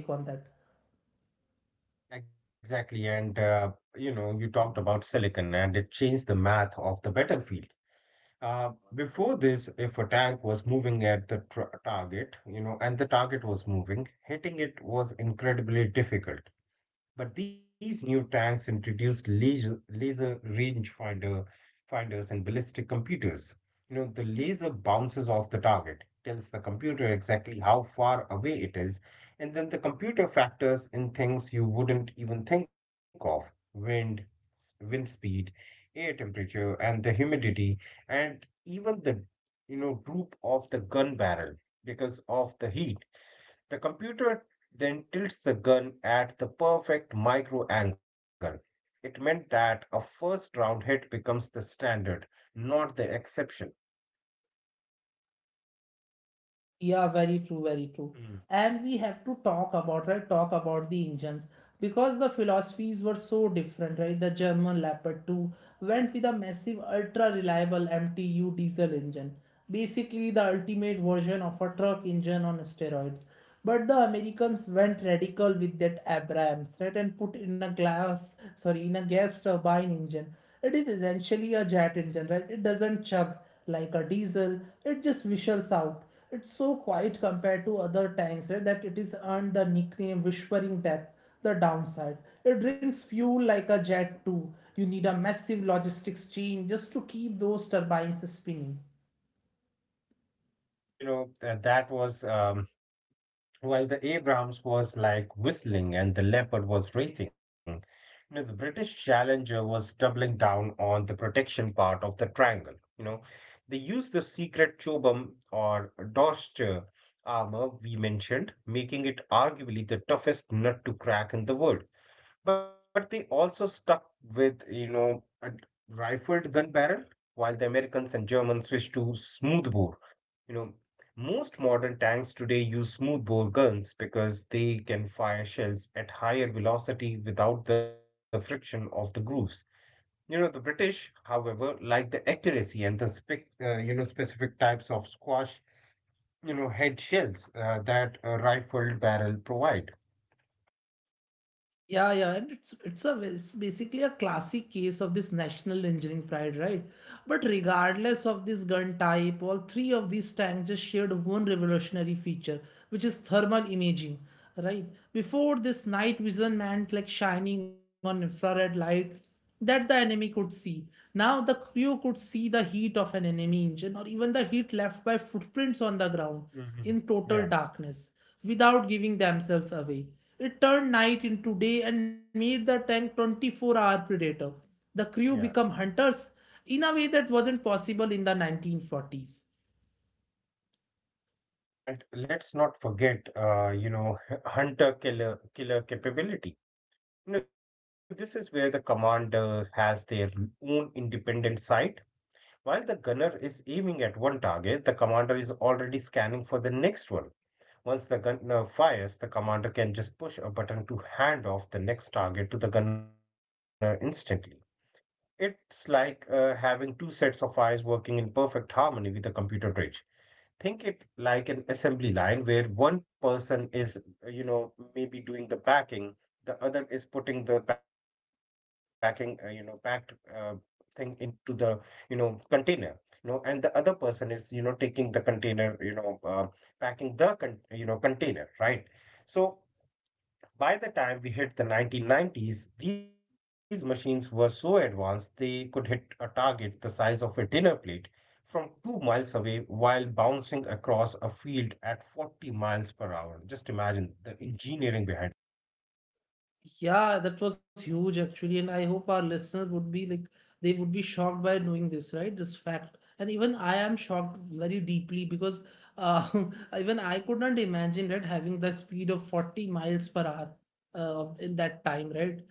Exactly. And, you know, you talked about silicon and it changed the math of the battlefield. Uh, before this, if a tank was moving at the tr target, you know, and the target was moving, hitting it was incredibly difficult. But these new tanks introduced laser finders and ballistic computers. You know, the laser bounces off the target, tells the computer exactly how far away it is, and then the computer factors in things you wouldn't even think of: wind, wind speed, air temperature, and the humidity, and even the, you know, droop of the gun barrel because of the heat. The computer then tilts the gun at the perfect micro angle. It meant that a first round hit becomes the standard, not the exception. Yeah, very true, very true. Mm. And we have to talk about, right? Talk about the engines because the philosophies were so different, right? The German Leopard 2 went with a massive, ultra reliable MTU diesel engine, basically, the ultimate version of a truck engine on steroids. But the Americans went radical with that Abrams, right, and put in a glass, sorry, in a gas turbine engine. It is essentially a jet engine, right? It doesn't chug like a diesel. It just whistles out. It's so quiet compared to other tanks, right, that it is earned the nickname "Whispering Death." The downside, it drinks fuel like a jet too. You need a massive logistics chain just to keep those turbines spinning. You know, that was while the Abrams was like whistling and the Leopard was racing, you know, the British Challenger was doubling down on the protection part of the triangle. You know, they used the secret chobam or Dorster armor we mentioned, making it arguably the toughest nut to crack in the world. But they also stuck with, you know, a rifled gun barrel, while the Americans and Germans switched to smoothbore. You know, most modern tanks today use smoothbore guns because they can fire shells at higher velocity without the friction of the grooves. You know, the British, however, like the accuracy and the specific types of squash, you know, head shells that a rifled barrel provide. Yeah, yeah, and it's basically a classic case of this national engineering pride, right? But regardless of this gun type, all three of these tanks just shared one revolutionary feature, which is thermal imaging, right? Before this, night vision meant like shining on infrared light that the enemy could see. Now the crew could see the heat of an enemy engine or even the heat left by footprints on the ground hmm in Yeah, total darkness without giving themselves away. It turned night into day and made the tank 24-hour predator. The crew yeah. become hunters in a way that wasn't possible in the 1940s. And let's not forget, you know, hunter killer capability. You know, this is where the commander has their own independent sight. While the gunner is aiming at one target, the commander is already scanning for the next one. Once the gunner fires, the commander can just push a button to hand off the next target to the gunner instantly. It's like having two sets of eyes working in perfect harmony with the computer bridge think it like an assembly line where one person is, maybe doing the packing, the other is putting the packing, packed thing into the, container. And the other person is, taking the container, packing the container, right? So, by the time we hit the 1990s, these machines were so advanced they could hit a target the size of a dinner plate from 2 miles away while bouncing across a field at 40 miles per hour. Just imagine the engineering behind Yeah, that was huge actually, and I hope our listeners would be like they would be shocked by knowing this, right? This fact, and even I am shocked very deeply because uh, even I could not imagine right having the speed of 40 miles per hour of in that time, right?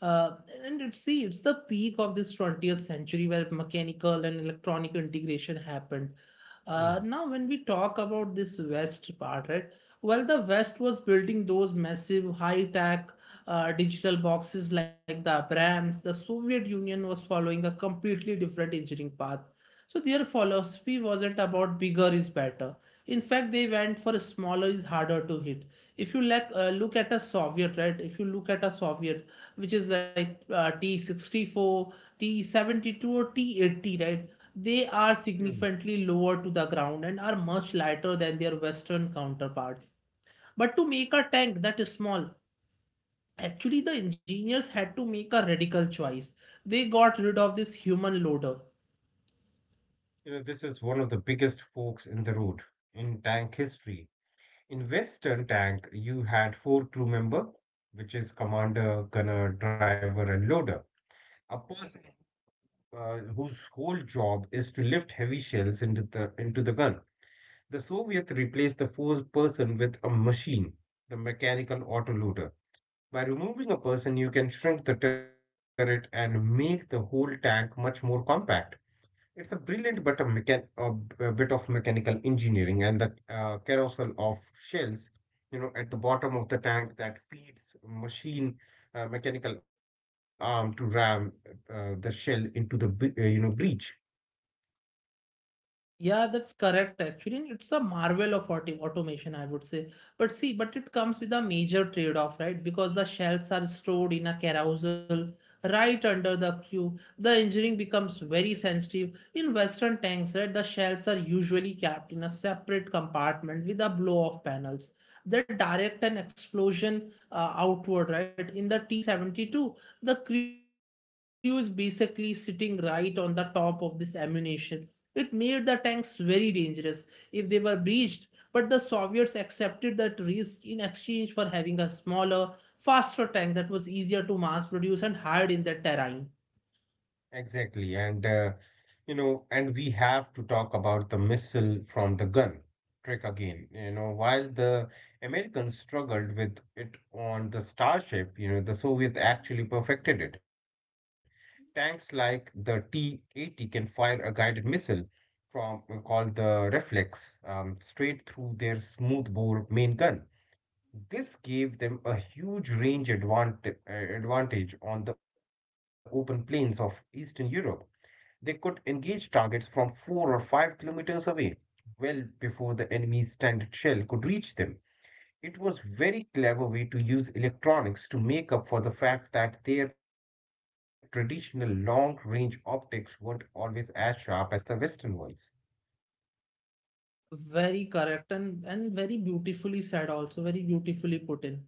Uh, and it's see, it's the peak of this 20th century where mechanical and electronic integration happened. it. Mm, Now, when we talk about this West part, right? Well, the West was building those massive high-tech digital boxes like the Abrams. The Soviet Union was following a completely different engineering path. So their philosophy wasn't about bigger is better. In fact, they went for smaller is harder to hit. If you like, look at a Soviet, right? If you look at a Soviet, which is like T-64, T-72 or T-80, right? They are mm. significantly lower to the ground and are much lighter than their Western counterparts. But to make a tank that is small, actually the engineers had to make a radical choice. They got rid of this human loader. You know, this is one of the biggest forks in the road in tank history. In Western Tank, you had four crew member, which is commander, gunner, driver, and loader. A person whose whole job is to lift heavy shells into the gun. The Soviets replaced the full person with a machine, the mechanical autoloader. By removing a person, you can shrink the turret and make the whole tank much more compact. It's a brilliant but a bit of mechanical engineering and the carousel of shells, you know, at the bottom of the tank that feeds machine mechanical arm to ram the shell into the you know breach. Yeah, that's correct actually. And it's a marvel of automation, I would say. But see, but it comes with a major trade-off, right? Because the shells are stored in a carousel right under the crew. The engineering becomes very sensitive. In Western tanks, right, the shells are usually kept in a separate compartment with a blow-off panels. They direct an explosion outward, right? In the T-72, the crew is basically sitting right on the top of this ammunition. It made the tanks very dangerous if they were breached, but the Soviets accepted that risk in exchange for having a smaller, faster tank that was easier to mass produce and hide in the terrain. Exactly. And we have to talk about the missile from the gun trick again. You know, while the Americans struggled with it on the Starship, you know, the Soviets actually perfected it. Tanks like the T-80 can fire a guided missile from called the Reflex straight through their smoothbore main gun. This gave them a huge advantage on the open plains of Eastern Europe. They could engage targets from 4 or 5 kilometers away, well before the enemy's standard shell could reach them. It was a very clever way to use electronics to make up for the fact that their traditional long-range optics weren't always as sharp as the Western ones. Very correct and very beautifully said, also very beautifully put in.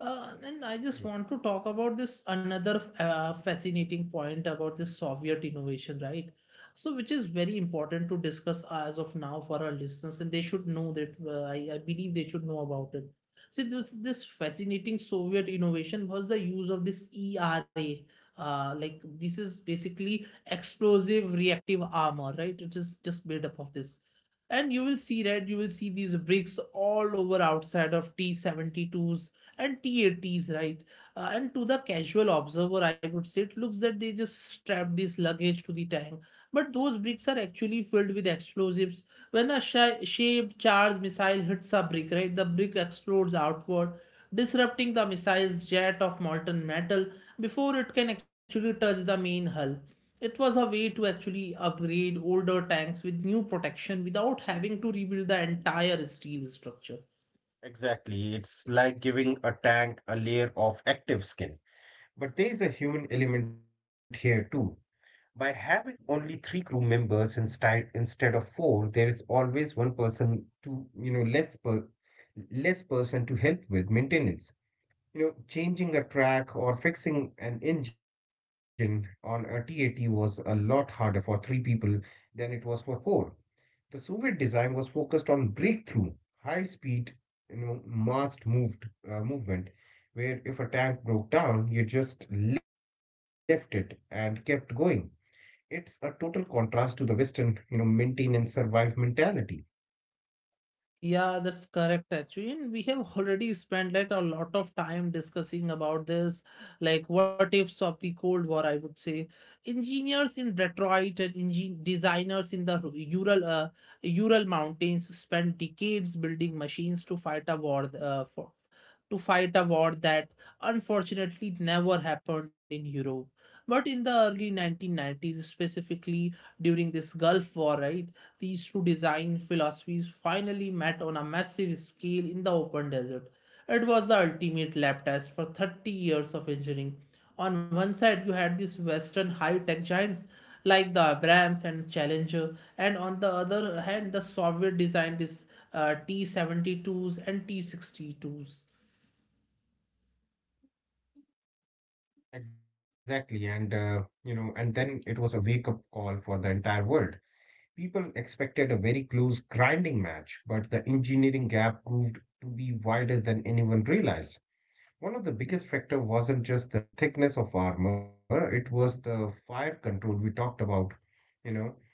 And I Hmm. just want to talk about this another fascinating point about this Soviet innovation, right? So, which is very important to discuss as of now for our listeners, and they should know that I believe they should know about it. See, this fascinating Soviet innovation was the use of this ERA. Like this is basically explosive reactive armor, right? It is just made up of this. And you will see these bricks all over outside of T72s and T80s, right? And to the casual observer, I would say it looks that they just strapped this luggage to the tank. But those bricks are actually filled with explosives when a shaped charge missile hits a brick, right, the brick explodes outward, disrupting the missile's jet of molten metal before it can actually touch the main hull. It was a way to actually upgrade older tanks with new protection without having to rebuild the entire steel structure. Exactly. It's like giving a tank a layer of active skin. But there is a human element here too. By having only three crew members instead of four, there is always one person to less person to help with maintenance. You know, changing a track or fixing an engine on a TAT was a lot harder for three people than it was for four. The Soviet design was focused on breakthrough, high speed, you know, massed moved movement, where if a tank broke down, you just left it and kept going. It's a total contrast to the Western, you know, maintain and survive mentality. Yeah, that's correct actually. And we have already spent like a lot of time discussing about this, like what ifs of the Cold War, I would say. Engineers in Detroit and engin designers in the Ural Ural Mountains spent decades building machines to fight a war for to fight a war that unfortunately never happened in Europe. But in the early 1990s, specifically during this Gulf War, right, these two design philosophies finally met on a massive scale in the open desert. It was the ultimate lab test for 30 years of engineering. On one side, you had these Western high tech giants like the Abrams and Challenger, and on the other hand, the Soviet designed these T 72s and T 62s. Exactly. And then it was a wake-up call for the entire world. People expected a very close grinding match, but the engineering gap proved to be wider than anyone realized. One of the biggest factor wasn't just the thickness of armor, it was the fire control we talked about. You know,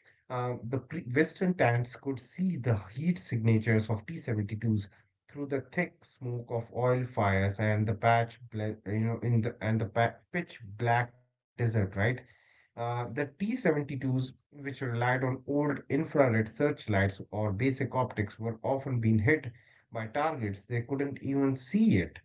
The pre Western tanks could see the heat signatures of T-72s through the thick smoke of oil fires and the patch, bla- you know, in the and the pa pitch black desert, right? The T-72s, which relied on old infrared searchlights or basic optics, were often being hit by targets they couldn't even see it.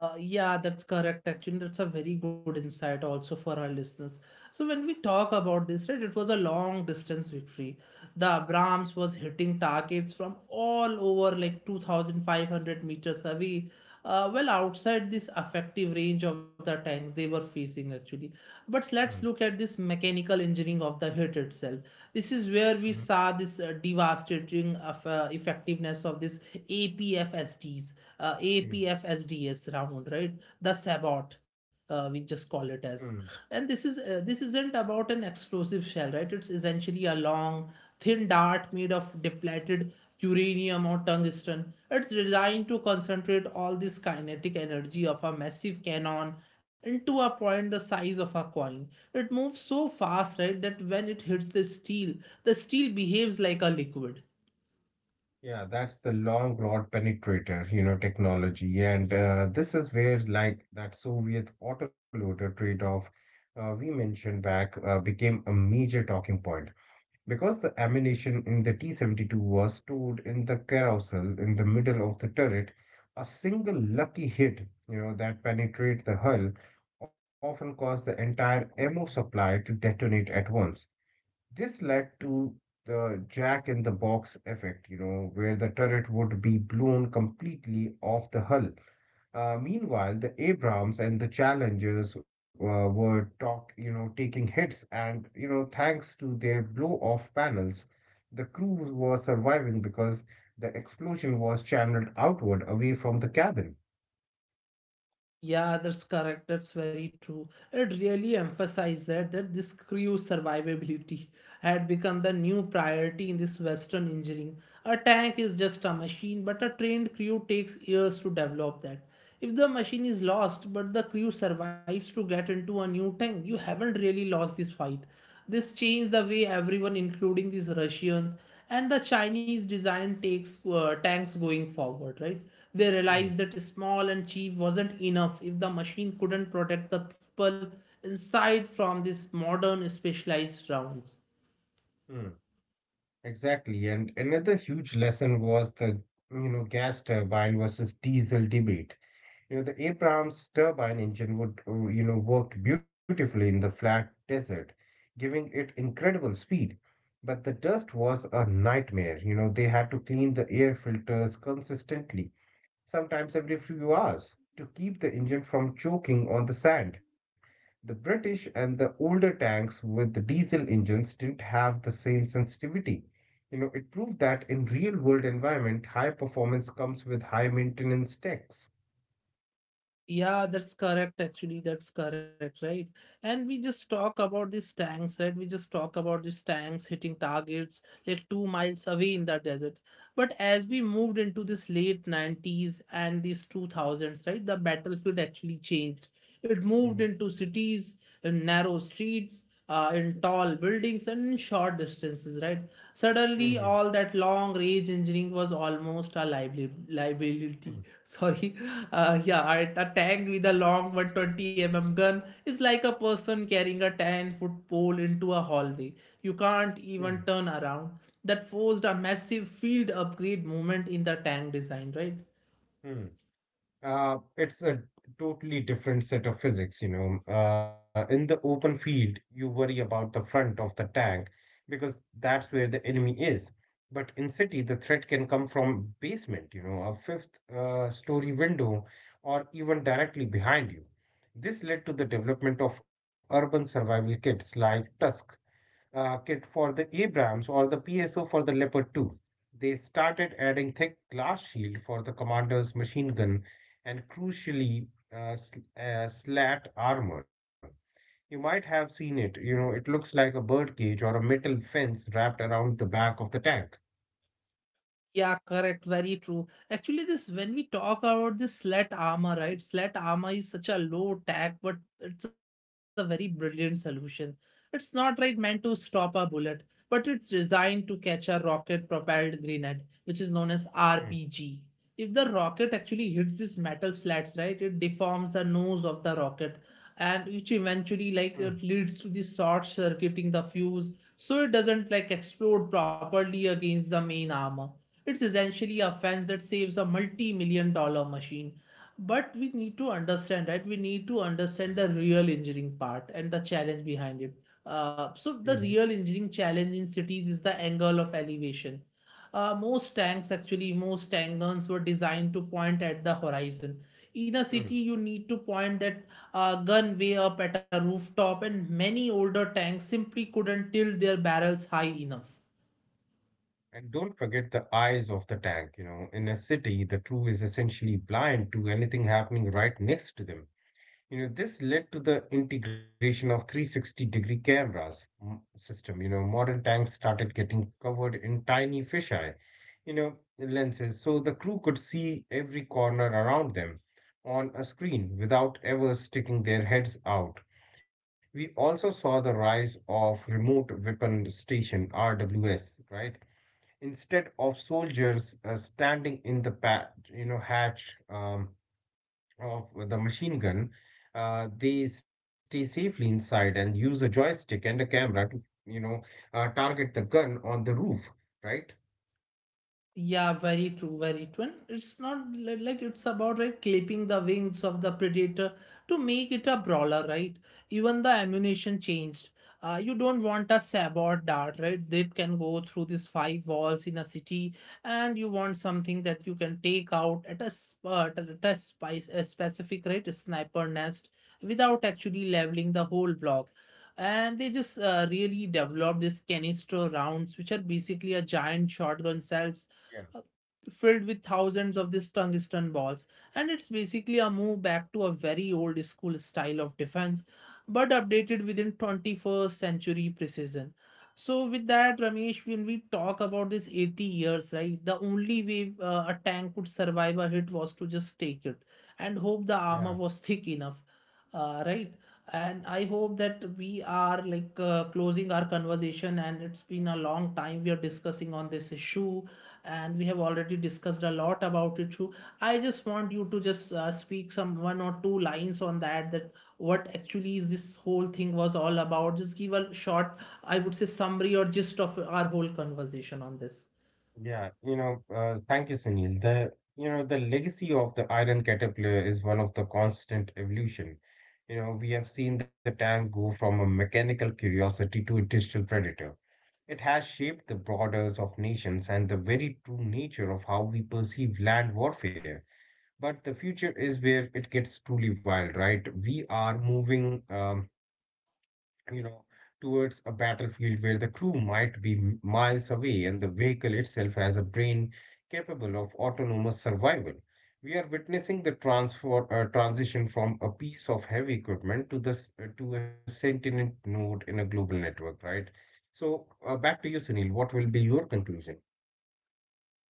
Yeah, that's correct. Actually, that's a very good insight also for our listeners. So, when we talk about this, right, it was a long distance victory. The Abrams was hitting targets from all over, like 2,500 meters away, well outside this effective range of the tanks they were facing actually. But let's look at this mechanical engineering of the hit itself. This is where we saw this devastating effectiveness of this APFSDs uh, Mm, APFSDS round, right? The Sabot. We just call it as, mm. and this is this isn't about an explosive shell, right, it's essentially a long thin dart made of depleted uranium or tungsten. It's designed to concentrate all this kinetic energy of a massive cannon into a point the size of a coin. It moves so fast, right, that when it hits the steel, the steel behaves like a liquid. Yeah, that's the long rod penetrator, you know, technology. And this is where, like, that Soviet autoloader trade-off we mentioned back became a major talking point because the ammunition in the T-72 was stored in the carousel in the middle of the turret. A single lucky hit, you know, that penetrated the hull often caused the entire ammo supply to detonate at once. This led to the Jack in the Box effect, you know, where the turret would be blown completely off the hull. Meanwhile, the Abrams and the Challengers were taking hits, and you know, thanks to their blow-off panels, the crew was surviving because the explosion was channeled outward away from the cabin. Yeah, that's correct. That's very true. It really emphasized that this crew's survivability had become the new priority in this Western engineering. A tank is just a machine, but a trained crew takes years to develop that. If the machine is lost, but the crew survives to get into a new tank, you haven't really lost this fight. This changed the way everyone, including these Russians and the Chinese, design takes tanks going forward, right? They Hmm, realized that small and cheap wasn't enough if the machine couldn't protect the people inside from these modern specialized rounds. hmm. Exactly, and another huge lesson was the you know gas turbine versus diesel debate. You know, the Abrams turbine engine worked beautifully in the flat desert, giving it incredible speed. But the dust was a nightmare. You know, they had to clean the air filters consistently, sometimes every few hours, to keep the engine from choking on the sand. The British and the older tanks with the diesel engines didn't have the same sensitivity. You know, it proved that in real world environment, high performance comes with high maintenance techs. Yeah, that's correct. Actually, that's correct, right? And we just talk about these tanks, right? We just talk about these tanks hitting targets like 2 miles away in the desert. But as we moved into this late 90s and these 2000s, right, the battlefield actually changed. It moved into cities and narrow streets, in tall buildings and short distances, right? Suddenly, Mhm, all that long range engineering was almost a liability. mm, Sorry, a tank with a long 120 mm gun is like a person carrying a 10-foot pole into a hallway. You can't mm, even turn around. That forced a massive field upgrade movement in the tank design, right? mm. It's a totally different set of physics, you know. In the open field, you worry about the front of the tank because that's where the enemy is. But in city, the threat can come from basement, you know, a fifth story window, or even directly behind you. This led to the development of urban survival kits like Tusk kit for the Abrams or the PSO for the Leopard 2. They started adding thick glass shield for the commander's machine gun and crucially slat armor. You might have seen it. You know, it looks like a bird cage or a metal fence wrapped around the back of the tank. Yeah, correct. Very true. Actually, this when we talk about this slat armor, right? Slat armor is such a low tack, but it's a very brilliant solution. It's not right meant to stop a bullet, but it's designed to catch a rocket-propelled grenade, which is known as Mm, RPG. If the rocket actually hits these metal slats, right, it deforms the nose of the rocket, and which mm, eventually like it leads to the short circuiting the fuse, so it doesn't like explode properly against the main armor. It's essentially a fence that saves a multi-million dollar machine. But we need to understand, right? We need to yeah. understand the real engineering part and the challenge behind it. So Mhm, the real engineering challenge in cities is the angle of elevation. Most tanks, actually, most tank guns were designed to point at the horizon. In a mm. city, you need to point that gun way up at a rooftop, and many older tanks simply couldn't tilt their barrels high enough. And don't forget the eyes of the tank. You know, in a city, the crew is essentially blind to anything happening right next to them. You know, this led to the integration of 360-degree cameras mm, system. You know, modern tanks started getting covered in tiny fisheye, you know, lenses, so the crew could see every corner around them on a screen without ever sticking their heads out. We also saw the rise of remote weapon station RWS, right? Instead of soldiers standing in the hatch, of the machine gun, they stay safely inside and use a joystick and a camera to, you know, target the gun on the roof, right? Yeah, very true, very true. And it's not li- like it's about right clipping the wings of the predator to make it a brawler, right? Even the ammunition changed. You don't want a sabot dart, right, that can go through these five walls in a city, and you want something that you can take out at a sp- at a spice a specific right a sniper nest without actually leveling the whole block. And they just really developed these canister rounds, which are basically a giant shotgun cells Yeah, uh, filled with thousands of these tungsten balls. And it's basically a move back to a very old school style of defense, but updated within 21st century precision. So with that, Ramesh, when we talk about this 80 years, right, the only way a tank could survive a hit was to just take it and hope the armor yeah, was thick enough, right. And I hope that we are like closing our conversation, and it's been a long time we are discussing on this issue, and we have already discussed a lot about it too. I just want you to just speak some one or two lines on that what actually is this whole thing was all about. Just give a short, I would say, summary or gist of our whole conversation on this. yeah. You know, thank you, Sunil. The, you know, the legacy of the iron caterpillar is one of the constant evolution. You know, we have seen the tank go from a mechanical curiosity to a digital predator. It has shaped the borders of nations and the very true nature of how we perceive land warfare. But the future is where it gets truly wild, right? We are moving, you know, towards a battlefield where the crew might be miles away and the vehicle itself has a brain capable of autonomous survival. We are witnessing the transition from a piece of heavy equipment to a sentient node in a global network, right? So, back to you, Sunil. What will be your conclusion?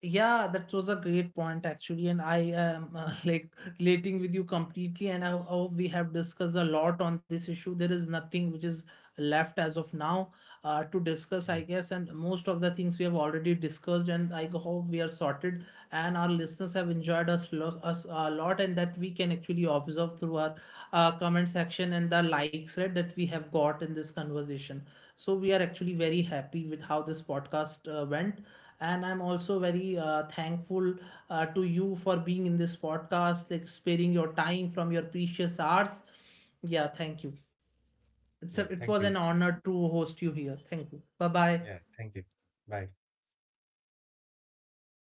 Yeah, that was a great point actually, and I am like relating with you completely. And I hope we have discussed a lot on this issue. There is nothing which is left as of now to Mm. discuss, I guess. And most of the things we have already discussed, and I hope we are sorted. And our listeners have enjoyed us, us a lot, and that we can actually observe through our comment section and the likes, right, that we have got in this conversation. So we are actually very happy with how this podcast went, and I'm also very thankful to you for being in this podcast, like sparing your time from your precious hours. Yeah, thank you. Yeah, It's thank a, you. it was an honor to host you here. Thank you. Bye Yeah, bye. thank you. Bye.